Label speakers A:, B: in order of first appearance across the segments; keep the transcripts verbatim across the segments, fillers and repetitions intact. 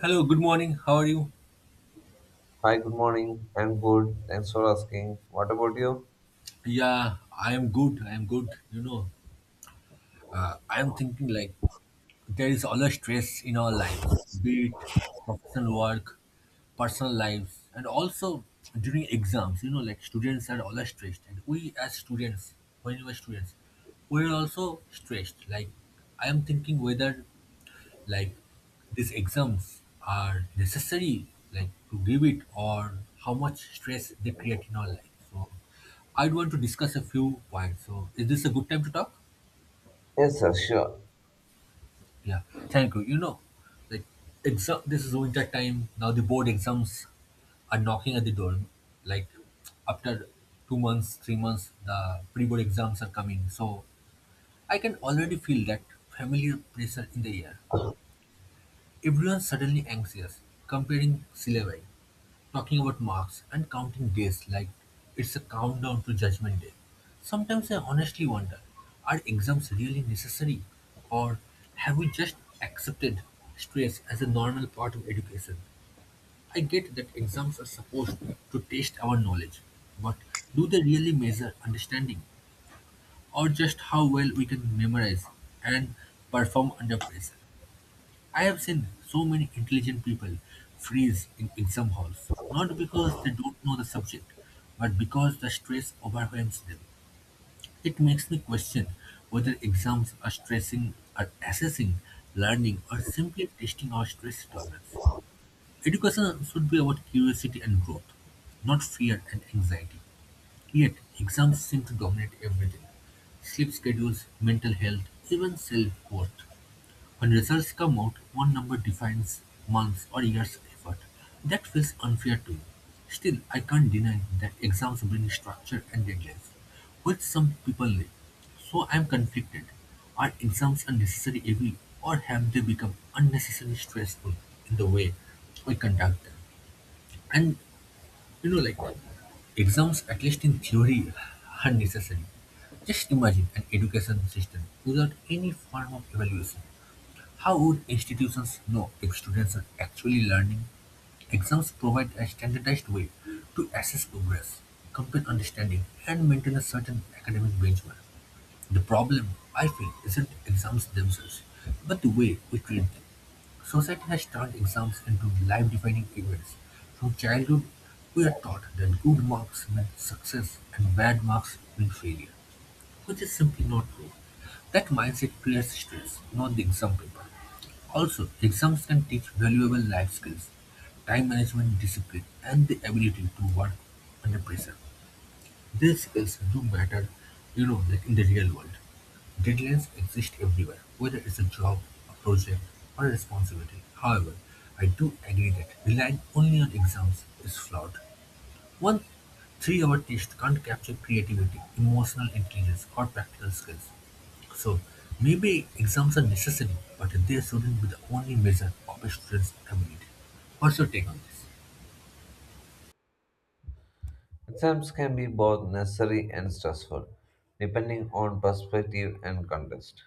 A: Hello, good morning. How are you?
B: Hi, good morning. I'm good. Thanks for asking. What about you?
A: Yeah, I am good. I am good. You know, uh, I am thinking like there is always stress in our lives, be it professional work, personal lives, and also during exams. You know, like students are always stressed, and we as students, when we were students, we are also stressed. Like I am thinking whether like these exams are necessary, like to give it, or how much stress they create in our life. So I'd want to discuss a few points. So is this a good time to talk?
B: Yes, sir, sure.
A: Yeah, thank you. You know like exam This is winter time now. The board exams are knocking at the door. Like after two months, three months, the pre-board exams are coming. So I can already feel that familiar pressure in the air. Everyone's suddenly anxious, comparing syllabi, talking about marks, and counting days. Like it's a countdown to Judgment Day. Sometimes I honestly wonder, are exams really necessary, or have we just accepted stress as a normal part of education? I get that exams are supposed to test our knowledge, but do they really measure understanding, or just how well we can memorize and perform under pressure? I have seen so many intelligent people freeze in exam halls, not because they don't know the subject, but because the stress overwhelms them. It makes me question whether exams are stressing, are assessing learning, or simply testing our stress tolerance. Education should be about curiosity and growth, not fear and anxiety. Yet, exams seem to dominate everything: sleep schedules, mental health, even self worth. When results come out, one number defines months or years of effort. That feels unfair to me. Still, I can't deny that exams bring structure and deadlines, which some people need. So I'm conflicted. Are exams a necessary evil, or have they become unnecessarily stressful in the way we conduct them? And you know, like exams, at least in theory, are necessary. Just imagine an education system without any form of evaluation. How would institutions know if students are actually learning? Exams provide a standardized way to assess progress, complete understanding, and maintain a certain academic benchmark. The problem, I feel, isn't exams themselves, but the way we treat them. Society has turned exams into life defining events. From childhood, we are taught that good marks mean success and bad marks mean failure, which is simply not true. That mindset creates stress, not the exam paper. Also, exams can teach valuable life skills: time management, discipline, and the ability to work under pressure. These skills do matter, you know, like in the real world. Deadlines exist everywhere, whether it's a job, a project, or a responsibility. However, I do agree that relying only on exams is flawed. One three-hour test can't capture creativity, emotional intelligence, or practical skills. So maybe exams are necessary, but they shouldn't be the only measure of a student's ability. What's your take on this?
B: Exams can be both necessary and stressful, depending on perspective and context.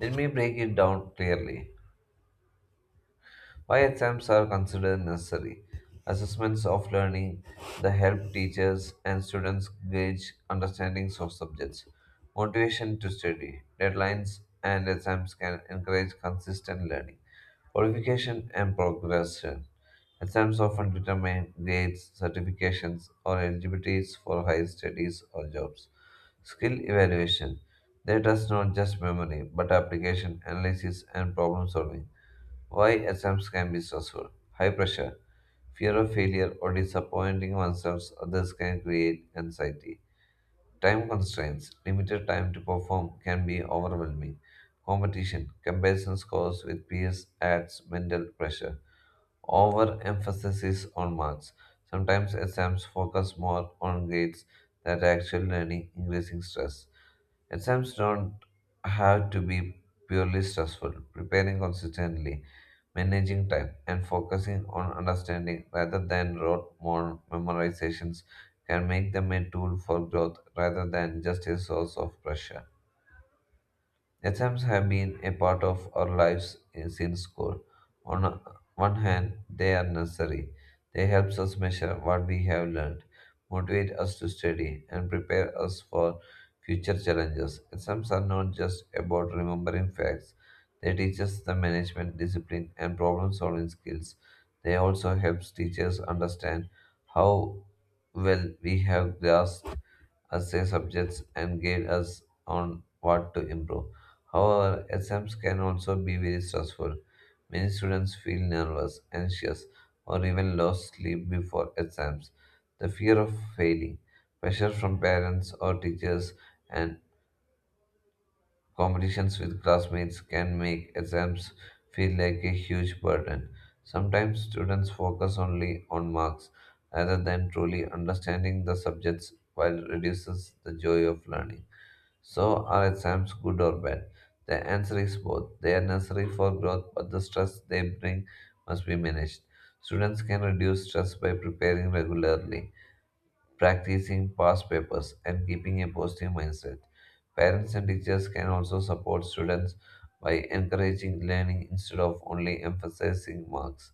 B: Let me break it down clearly. Why exams are considered necessary? Assessments of learning, the help teachers and students gauge understandings of subjects, motivation to study, deadlines and exams can encourage consistent learning, qualification and progression. Exams often determine grades, certifications, or eligibilities for higher studies or jobs. Skill evaluation. They test not just memory, but application, analysis, and problem solving. Why exams can be stressful. High pressure, fear of failure, or disappointing oneself, others can create anxiety. Time constraints, limited time to perform can be overwhelming. Competition, comparison scores with peers adds mental pressure. Overemphasis on marks. Sometimes exams focus more on grades than actual learning, increasing stress. Exams don't have to be purely stressful. Preparing consistently, managing time, and focusing on understanding rather than rote mor- memorizations can make them a tool for growth rather than just a source of pressure. Exams have been a part of our lives in- since school. On a- one hand, they are necessary. They help us measure what we have learned, motivate us to study, and prepare us for future challenges. Exams are not just about remembering facts. They teach us the management, discipline, and problem-solving skills. They also help teachers understand how well we have grasped us their subjects and guide us on what to improve. However, exams can also be very stressful. Many students feel nervous, anxious, or even lost sleep before exams. The fear of failing, pressure from parents or teachers, and competitions with classmates can make exams feel like a huge burden. Sometimes students focus only on marks rather than truly understanding the subjects while reduces the joy of learning. So, are exams good or bad? The answer is both. They are necessary for growth, but the stress they bring must be managed. Students can reduce stress by preparing regularly practicing past papers, and keeping a positive mindset. Parents and teachers can also support students by encouraging learning instead of only emphasizing marks.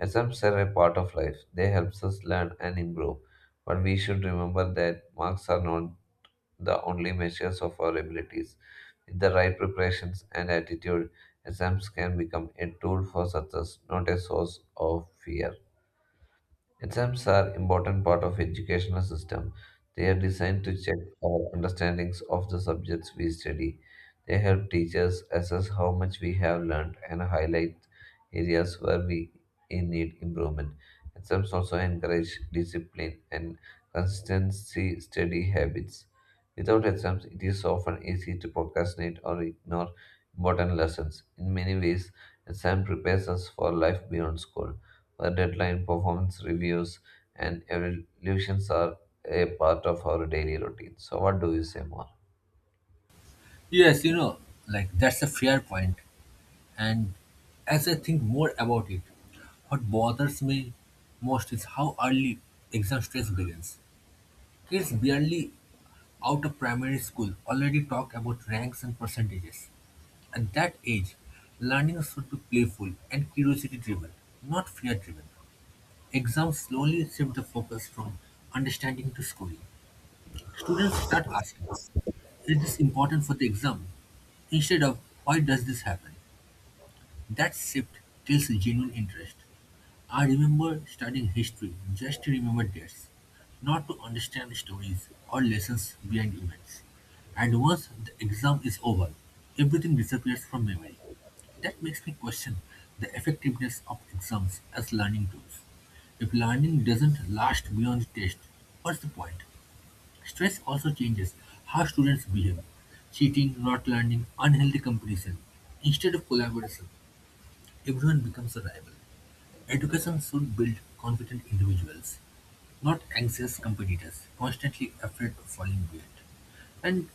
B: Exams are a part of life. They help us learn and improve. But we should remember that marks are not the only measures of our abilities. With the right preparations and attitude, exams can become a tool for success, not a source of fear. Exams are important part of educational system. They are designed to check our understandings of the subjects we study. They help teachers assess how much we have learned and highlight areas where we in need improvement. Exams also encourage discipline and consistency study habits. Without exams, it is often easy to procrastinate or ignore important lessons. In many ways, exam prepares us for life beyond school. The deadline, performance reviews, and evaluations are a part of our daily routine. So, what do you say more?
A: Yes, you know, like that's a fair point. And as I think more about it, what bothers me most is how early exam stress begins. Kids barely out of primary school already talk about ranks and percentages. At that age, learning should be playful and curiosity driven, not fear driven. Exams slowly shift the focus from understanding to schooling. Students start asking, is this important for the exam? Instead of, why does this happen? That shift kills genuine interest. I remember studying history just to remember dates, not to understand stories or lessons behind events. And once the exam is over, everything disappears from memory. That makes me question the effectiveness of exams as learning tools. If learning doesn't last beyond the test, what's the point? Stress also changes how students behave. Cheating, not learning, unhealthy competition. Instead of collaboration, everyone becomes a rival. Education should build confident individuals, not anxious competitors, constantly afraid of falling behind. And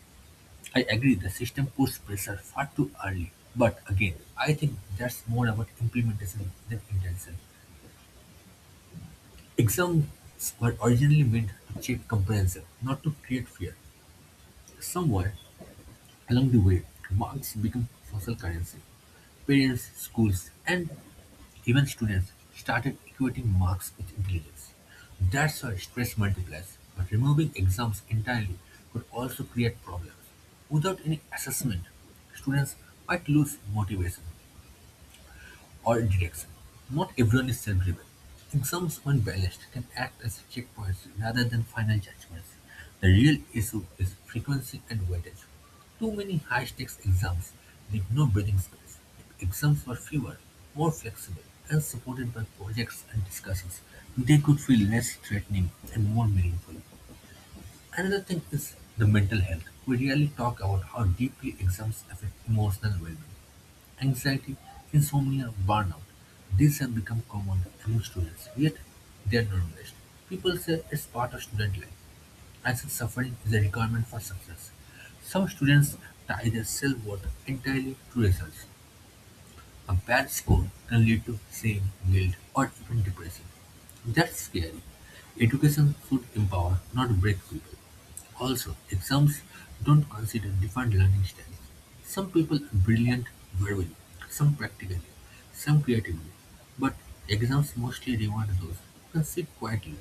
A: I agree the system puts pressure far too early. But again, I think that's more about implementation than intention. Exams were originally meant to check comprehension, not to create fear. Somewhere along the way, marks become social currency. Parents, schools, and even students started equating marks with intelligence. That's why stress multiplies. But removing exams entirely could also create problems. Without any assessment, students might lose motivation or direction. Not everyone is self-driven. Exams, when balanced, can act as checkpoints rather than final judgments. The real issue is frequency and weightage. Too many high-stakes exams leave no breathing space. If exams were fewer, more flexible, and supported by projects and discussions, they could feel less threatening and more meaningful. Another thing is the mental health. We rarely talk about how deeply exams affect emotional well-being. Anxiety, insomnia, burnout, these have become common among students, yet they are normalized. People say it's part of student life, as if suffering is a requirement for success. Some students tie their self worth entirely to results. A bad score can lead to shame, guilt, or even depression. That's scary. Education should empower, not break people. Also, exams don't consider different learning styles. Some people are brilliant verbally, some practically, some creatively. But exams mostly reward those who can sit quietly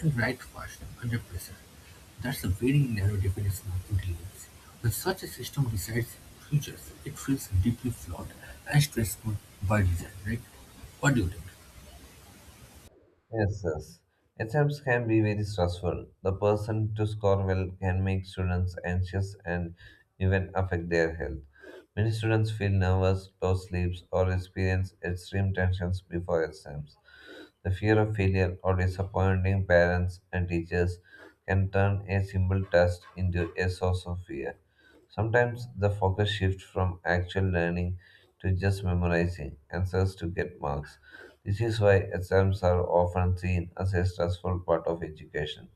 A: and write fast under pressure. That's a very narrow definition of intelligence. When such a system decides futures, it feels deeply flawed and stressful by design, right? What do you think?
B: Yes, yes. Exams can be very stressful. The person to score well can make students anxious and even affect their health. Many students feel nervous, low sleeps, or experience extreme tensions before exams. The fear of failure or disappointing parents and teachers can turn a simple task into a source of fear. Sometimes the focus shifts from actual learning to just memorizing answers to get marks. This is why exams are often seen as a stressful part of education.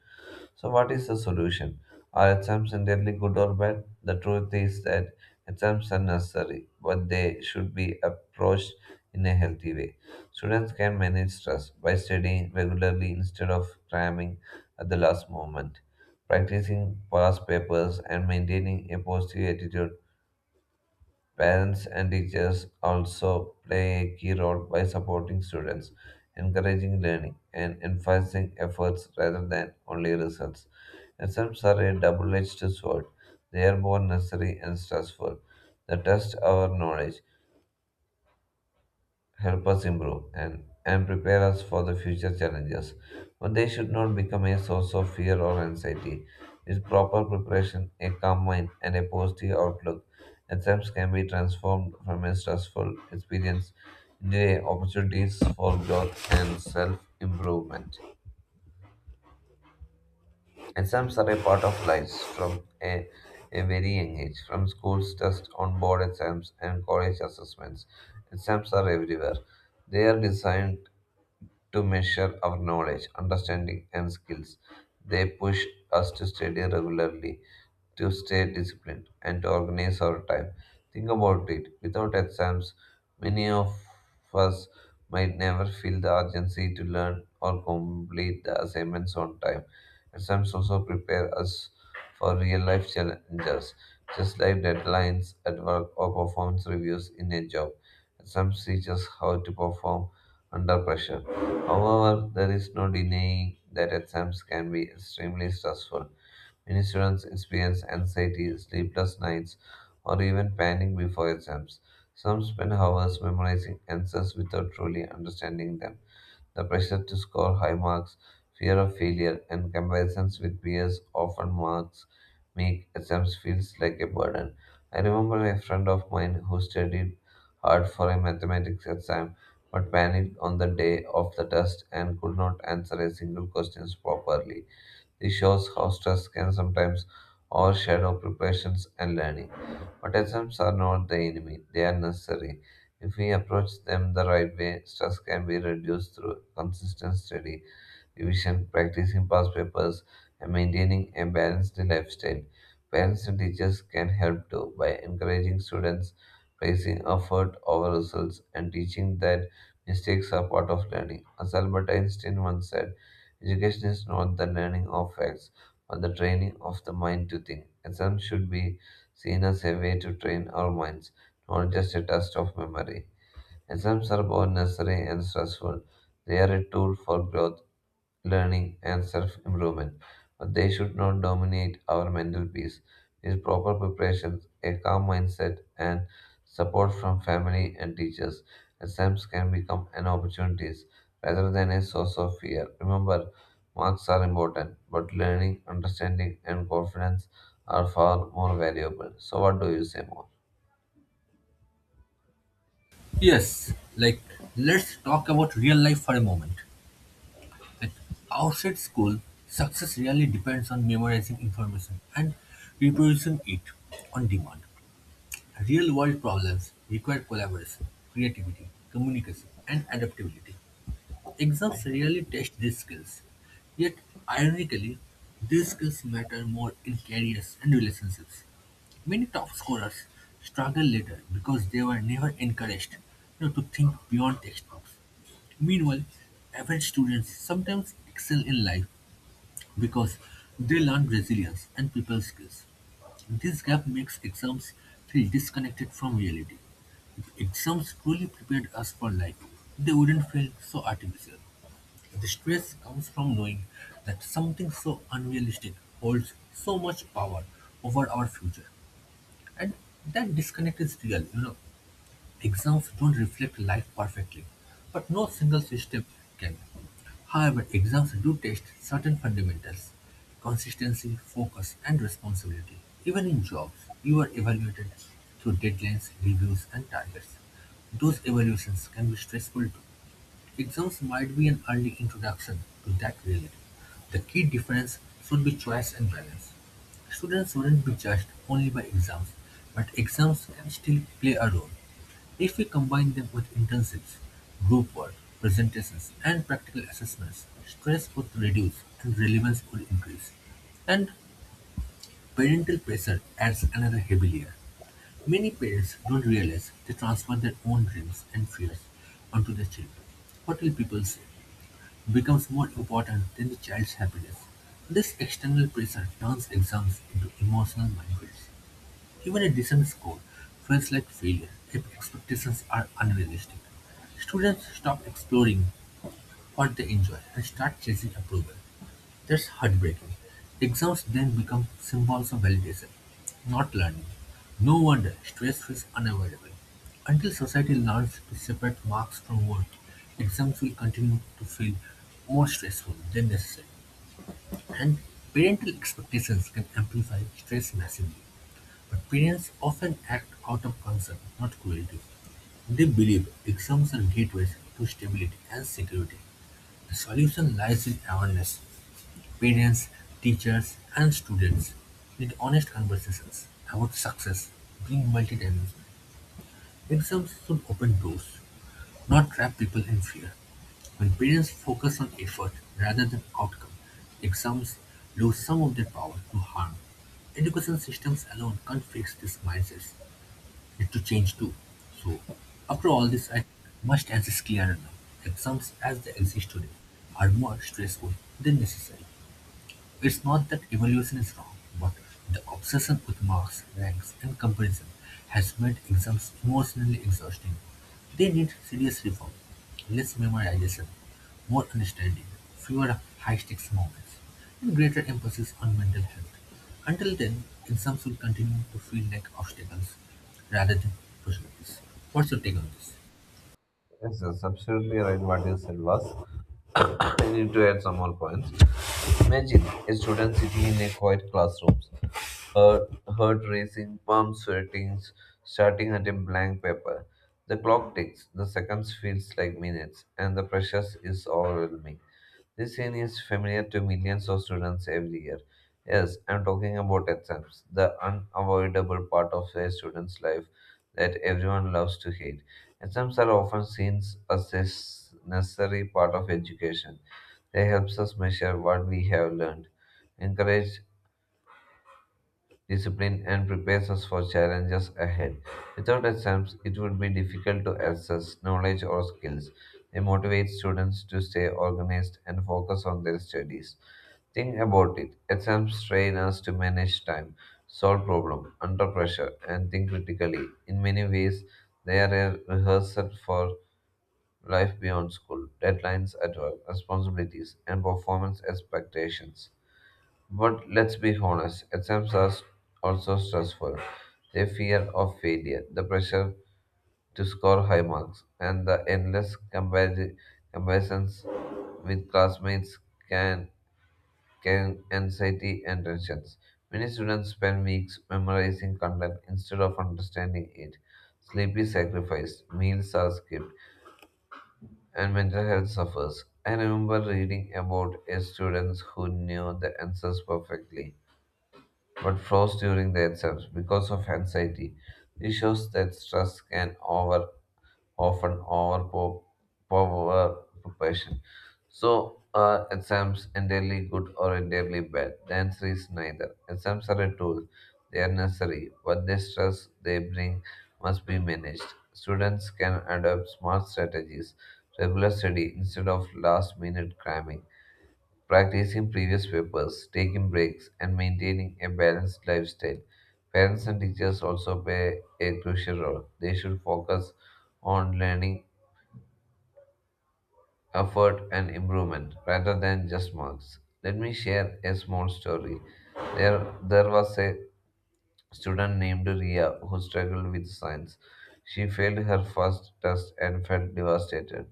B: So, what is the solution? Are exams entirely good or bad? The truth is that exams are necessary, but they should be approached in a healthy way. Students can manage stress by studying regularly instead of cramming at the last moment, practicing past papers, and maintaining a positive attitude. Parents and teachers also play a key role by supporting students, encouraging learning, and emphasizing efforts rather than only results. Exams are a double edged sword. They are both necessary and stressful. They test our knowledge, help us improve and, and prepare us for the future challenges. But they should not become a source of fear or anxiety. With proper preparation, a calm mind, and a positive outlook, exams can be transformed from a stressful experience into a opportunities for growth and self improvement. Exams are a part of life from a, a very young age, from schools, tests on board exams, and college assessments. Exams are everywhere. They are designed to measure our knowledge, understanding, and skills. They push us to study regularly, to stay disciplined, and to organize our time. Think about it without exams, many of us might never feel the urgency to learn or complete the assignments on time. Exams also prepare us for real life challenges, just like deadlines at work or performance reviews in a job. Exams teach us how to perform under pressure. However, there is no denying that exams can be extremely stressful. Many students experience anxiety, sleepless nights, or even panic before exams. Some spend hours memorizing answers without truly understanding them. The pressure to score high marks, fear of failure, and comparisons with peers often marks make exams feels like a burden. I remember a friend of mine who studied hard for a mathematics exam but panicked on the day of the test and could not answer a single question properly. This shows how stress can sometimes overshadow preparations and learning. Autisms are not the enemy, they are necessary. If we approach them the right way, stress can be reduced through consistent study division, practicing past papers, and maintaining a balanced lifestyle. Parents and teachers can help too by encouraging students, praising effort over results, and teaching that mistakes are part of learning. As Albert Einstein once said, education is not the learning of facts, but the training of the mind to think. Exams should be seen as a way to train our minds, not just a test of memory. Exams are both necessary and stressful. They are a tool for growth, learning, and self improvement, but they should not dominate our mental peace. With proper preparation, a calm mindset, and support from family and teachers, exams can become an opportunity rather than a source of fear. Remember, marks are important, but learning, understanding, and confidence are far more valuable. So, what do you say more?
A: Yes, like let's talk about real life for a moment. Like outside school, success really depends on memorizing information and reproducing it on demand. Real world problems require collaboration, creativity, communication, and adaptability. Exams really test these skills. Yet, ironically, these skills matter more in careers and relationships. Many top scorers struggle later because they were never encouraged you know, to think beyond textbooks. Meanwhile, average students sometimes excel in life because they learn resilience and people skills. This gap makes exams feel disconnected from reality. If exams truly prepared us for life, they wouldn't feel so artificial. The stress comes from knowing that something so unrealistic holds so much power over our future. And that disconnect is real, you know. Exams don't reflect life perfectly, but no single system can. However, exams do test certain fundamentals: consistency, focus, and responsibility. Even in jobs, you are evaluated through deadlines, reviews, and targets. Those evaluations can be stressful too. Exams might be an early introduction to that reality. The key difference should be choice and balance. Students shouldn't be judged only by exams, but exams can still play a role. If we combine them with internships, group work, presentations, and practical assessments, stress would reduce and relevance would increase. And parental pressure adds another heavy layer. Many parents don't realize they transfer their own dreams and fears onto their children. "What will people say?" becomes more important than the child's happiness. This external pressure turns exams into emotional minefields. Even a decent score feels like failure if expectations are unrealistic. Students stop exploring what they enjoy and start chasing approval. That's heartbreaking. Exams then become symbols of validation, not learning. No wonder stress is unavoidable. Until society learns to separate marks from work, exams will continue to feel more stressful than necessary. And parental expectations can amplify stress massively. But parents often act out of concern, not cruelty. They believe exams are gateways to stability and security. The solution lies in awareness. Parents, teachers, and students need honest conversations about success being multidimensional. Exams should open doors, not trap people in fear. When parents focus on effort rather than outcome, exams lose some of their power to harm. Education systems alone can't fix these mindsets. Need to change too. So, after all this, I must answer is clearer now. Exams as they exist today are more stressful than necessary. It's not that evolution is wrong, but the obsession with marks, ranks, and comparison has made exams emotionally exhausting. They need serious reform: less memorization, more understanding, fewer high-stakes moments, and greater emphasis on mental health. Until then, exams will continue to feel like obstacles rather than opportunities. What's your take on this?
B: Yes, that's absolutely right. What you said was. I need to add some more points. Imagine a student sitting in a quiet classroom, heart, heart racing, palm sweating, starting at a blank paper. The clock ticks, the seconds feels like minutes, and the pressure is overwhelming. This scene is familiar to millions of students every year. Yes, I'm talking about exams, the unavoidable part of a student's life that everyone loves to hate. Exams are often seen as a s- necessary part of education. They help us measure what we have learned, encourage discipline, and prepares us for challenges ahead. Without exams, it would be difficult to access knowledge or skills. They motivate students to stay organized and focus on their studies. Think about it. Exams train us to manage time, solve problems under pressure, and think critically. In many ways, they are a rehearsal for life beyond school, deadlines at work, responsibilities, and performance expectations. But let's be honest, exams are s- also stressful. The fear of failure, the pressure to score high marks, and the endless compar- comparisons with classmates can can anxiety and tensions. Many students spend weeks memorizing content instead of understanding it. Sleep is sacrificed, meals are skipped, and mental health suffers. I remember reading about a student who knew the answers perfectly but froze during the exams because of anxiety. This shows that stress can over often overpower preparation. So are exams entirely good or entirely bad? The answer is neither. Exams are a tool; they are necessary, but the stress they bring must be managed. Students can adopt smart strategies, regular study instead of last-minute cramming. Practicing previous papers, taking breaks, and maintaining a balanced lifestyle. Parents and teachers also play a crucial role. They should focus on learning, effort, and improvement rather than just marks. Let me share a small story. There, there was a student named Ria who struggled with science. She failed her first test and felt devastated.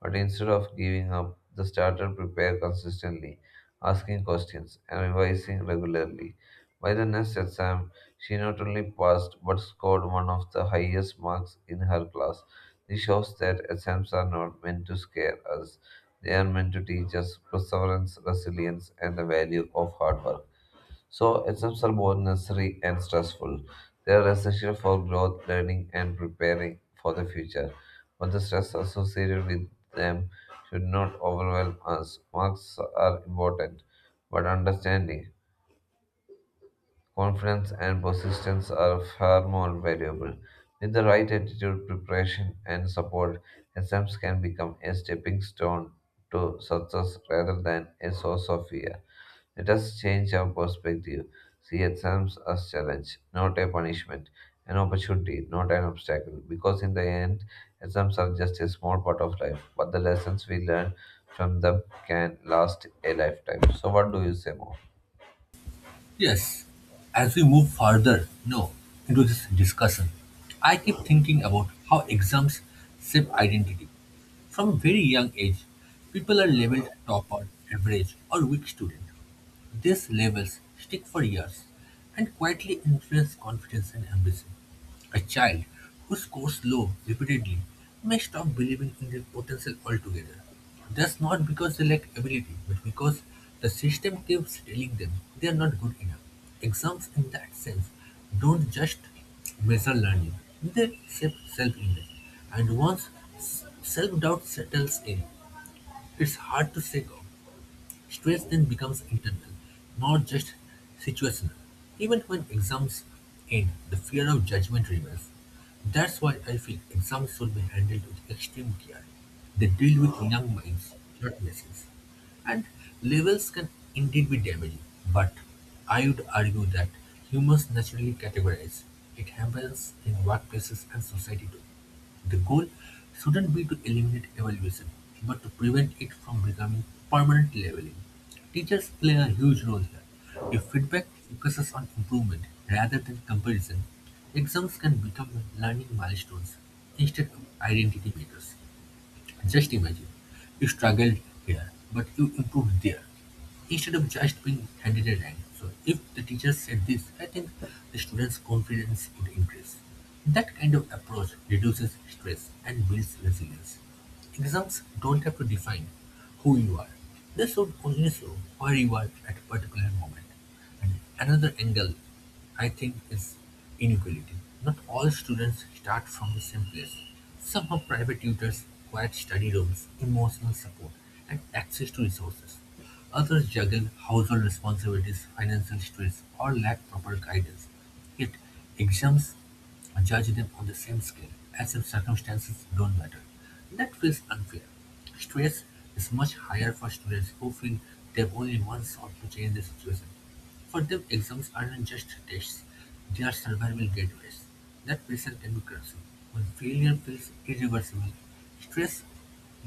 B: But instead of giving up, the starter prepared consistently, asking questions and revising regularly. By the next exam, she not only passed but scored one of the highest marks in her class. This shows that exams are not meant to scare us. They are meant to teach us perseverance, resilience, and the value of hard work. So, exams are both necessary and stressful. They are essential for growth, learning, and preparing for the future. But the stress associated with them should not overwhelm us. Marks are important, but understanding. Confidence and persistence are far more valuable. With the right attitude, preparation, and support, exams can become a stepping stone to success rather than a source of fear. Let us change our perspective. See exams as challenge, not a punishment, an opportunity, not an obstacle. Because in the end, exams are just a small part of life, but the lessons we learn from them can last a lifetime. So, what do you say more?
A: Yes, as we move further, no, into this discussion, I keep thinking about how exams shape identity. From a very young age, people are labeled topper, average, or weak student. These labels stick for years and quietly influence confidence and ambition. A child who scores low repeatedly may stop believing in their potential altogether. That's not because they lack ability, but because the system keeps telling them they are not good enough. Exams, in that sense, don't just measure learning, they shape self image. And once self doubt settles in, it's hard to shake off. Stress then becomes internal, not just situational. Even when exams end, the fear of judgment remains. That's why I feel exams should be handled with extreme care. They deal with young minds, not machines. And levels can indeed be damaging, but I would argue that humans naturally categorize. It happens in workplaces and society too. The goal shouldn't be to eliminate evaluation, but to prevent it from becoming permanent labeling. Teachers play a huge role here. If feedback focuses on improvement rather than comparison, exams can become learning milestones instead of identity makers. Just imagine, you struggled here, but you improved there, instead of just being handed a rank. So if the teacher said this, I think the students' confidence would increase. That kind of approach reduces stress and builds resilience. Exams don't have to define who you are. They should only show where you are at a particular moment. And Another angle I think is inequality. Not all students start from the same place. Some have private tutors, quiet study rooms, emotional support, and access to resources. Others juggle household responsibilities, financial stress, or lack proper guidance. It exempts judge them on the same scale, as if circumstances don't matter. That feels unfair. Stress is much higher for students who feel they've only one shot to change the situation. For them, exams aren't just tests, they are survival gateways. That pressure can be crushing. When failure feels irreversible, stress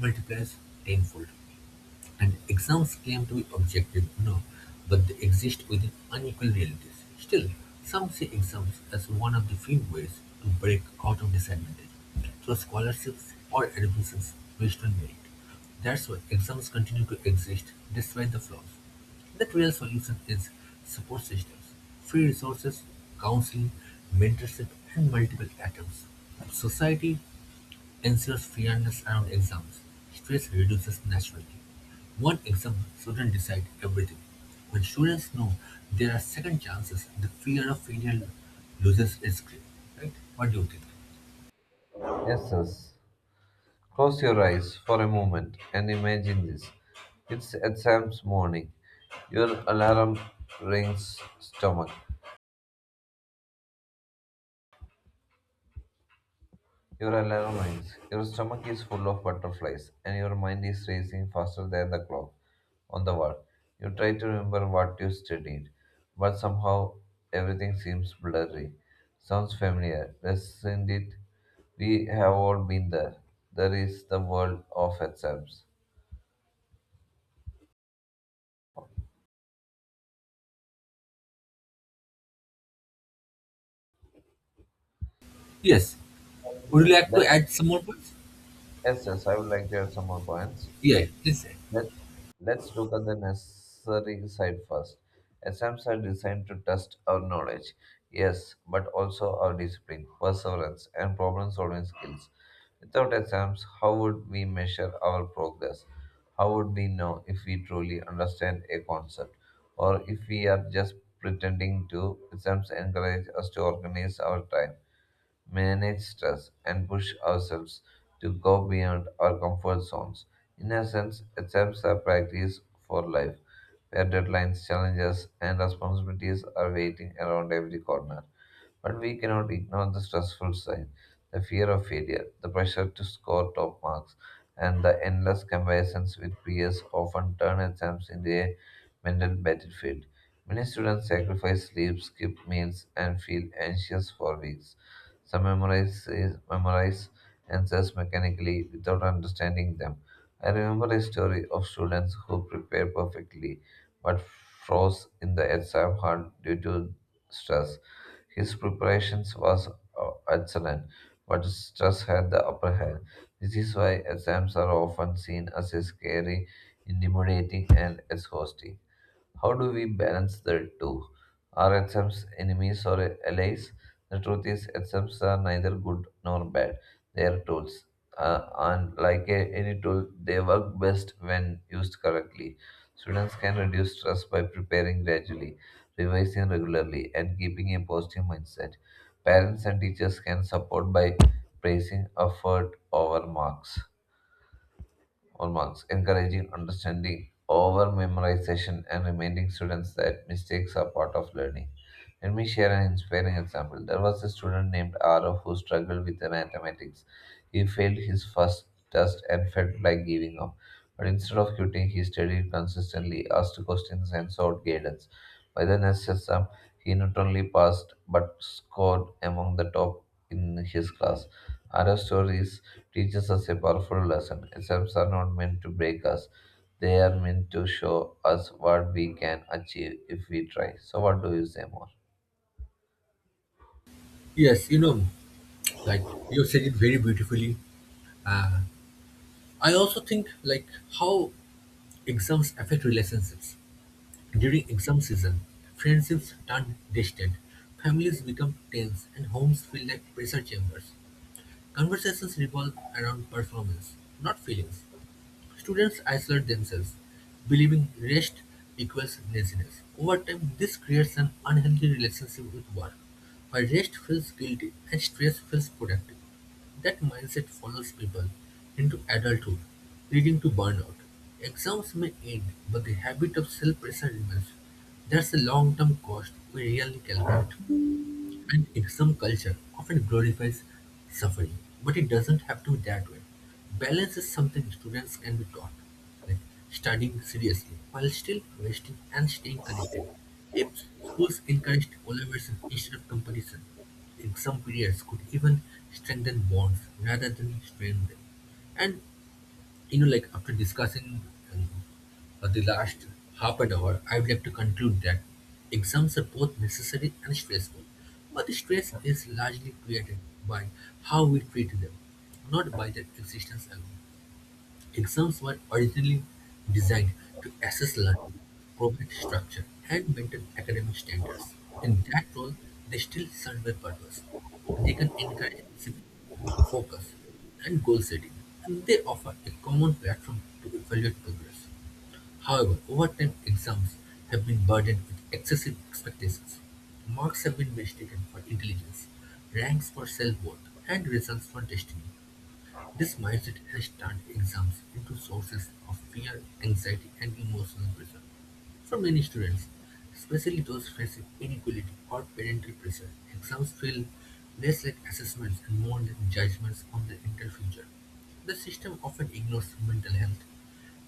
A: multiplies tenfold. And exams claim to be objective, no, but they exist within unequal realities. Still, some see exams as one of the few ways to break out of disadvantage through scholarships or admissions based on merit. That's why exams continue to exist despite the flaws. The real solution is support systems, free resources, counseling, mentorship, and multiple attempts. Society ensues fairness around exams; stress reduces naturally. One exam shouldn't decide everything. When students know there are second chances, the fear of failure loses its grip. Right? What do you think?
B: Yes, yes. Close your eyes for a moment and imagine this. It's exams morning. Your alarm rings stomach. Your alarm rings. Your stomach is full of butterflies and your mind is racing faster than the clock on the wall. You try to remember what you studied, but somehow everything seems blurry. Sounds familiar, doesn't it? We have all been there. There is the world of exams.
A: Yes. Would you like to
B: Let's
A: add some more points?
B: Yes, yes, I would like to add some more points.
A: Yeah, please add.
B: Let's let's look at the necessary side first. Exams are designed to test our knowledge, yes, but also our discipline, perseverance, and problem-solving skills. Without exams, how would we measure our progress? How would we know if we truly understand a concept, or if we are just pretending to? Exams encourage us to organize our time manage stress, and push ourselves to go beyond our comfort zones. In essence, exams are practice for life, where deadlines, challenges, and responsibilities are waiting around every corner. But we cannot ignore the stressful side, the fear of failure, the pressure to score top marks, and the endless comparisons with peers often turn exams into a mental battlefield. Many students sacrifice sleep, skip meals, and feel anxious for weeks. Some memorize, memorize answers mechanically without understanding them. I remember a story of students who prepared perfectly but froze in the exam hall due to stress. His preparations was uh, excellent, but stress had the upper hand. This is why exams are often seen as a scary, intimidating, and exhausting. How do we balance the two? Are exams enemies or allies? The truth is, exams are neither good nor bad. They are tools. Uh, and like a- any tool, they work best when used correctly. Students can reduce stress by preparing gradually, revising regularly, and keeping a positive mindset. Parents and teachers can support by praising effort over marks on marks, encouraging understanding over memorization and reminding students that mistakes are part of learning. Let me share an inspiring example. There was a student named Arav who struggled with the mathematics. He failed his first test and felt like giving up. But instead of quitting, he studied consistently, asked questions, and sought guidance. By the next exam, he not only passed but scored among the top in his class. Arav stories teaches us a powerful lesson. Exams are not meant to break us, they are meant to show us what we can achieve if we try. So, what do you say more?
A: Yes, you know, like you said it very beautifully. I also think like how exams affect relationships. During exam season, friendships turn distant, families become tense, and homes feel like pressure chambers. Conversations revolve around performance, not feelings. Students isolate themselves, believing rest equals laziness. Over time, this creates an unhealthy relationship with work, where rest feels guilty and stress feels productive. That mindset follows people into adulthood, leading to burnout. Exams may end, but the habit of self pressure remains. That's a long term cost we rarely calculate. And extreme culture often glorifies suffering, but it doesn't have to be that way. Balance is something students can be taught, like studying seriously while still resting and staying connected. If schools encouraged collaboration instead of competition, exam periods could even strengthen bonds rather than strain them. And you know, like after discussing you uh, the last half an hour, I would like to conclude that exams are both necessary and stressful, but stress is largely created by how we treat them, not by their existence alone. Exams were originally designed to assess learning, provide structure, and maintain academic standards. In that role, they still serve a purpose. They can encourage discipline, focus, and goal setting, and they offer a common platform to evaluate progress. However, over time, exams have been burdened with excessive expectations. Marks have been mistaken for intelligence, ranks for self worth, and results for destiny. This mindset has turned exams into sources of fear, anxiety, and emotional pressure for many students, especially those facing inequality or parental pressure. Exams feel less like assessments and more like judgments on the entire future. The system often ignores mental health,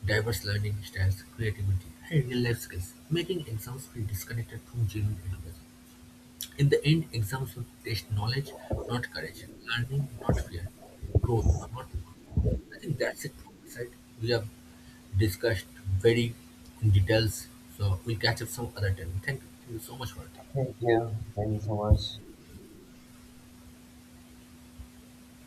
A: diverse learning styles, creativity, and real life skills, making exams feel disconnected from genuine education. In the end, exams will test knowledge, not courage, learning, not fear, growth, not luck. I think that's it from my side. We have discussed very in details, so we'll catch up some other time. Thank you, Thank you so much for it.
B: Thank you. Thank you so much.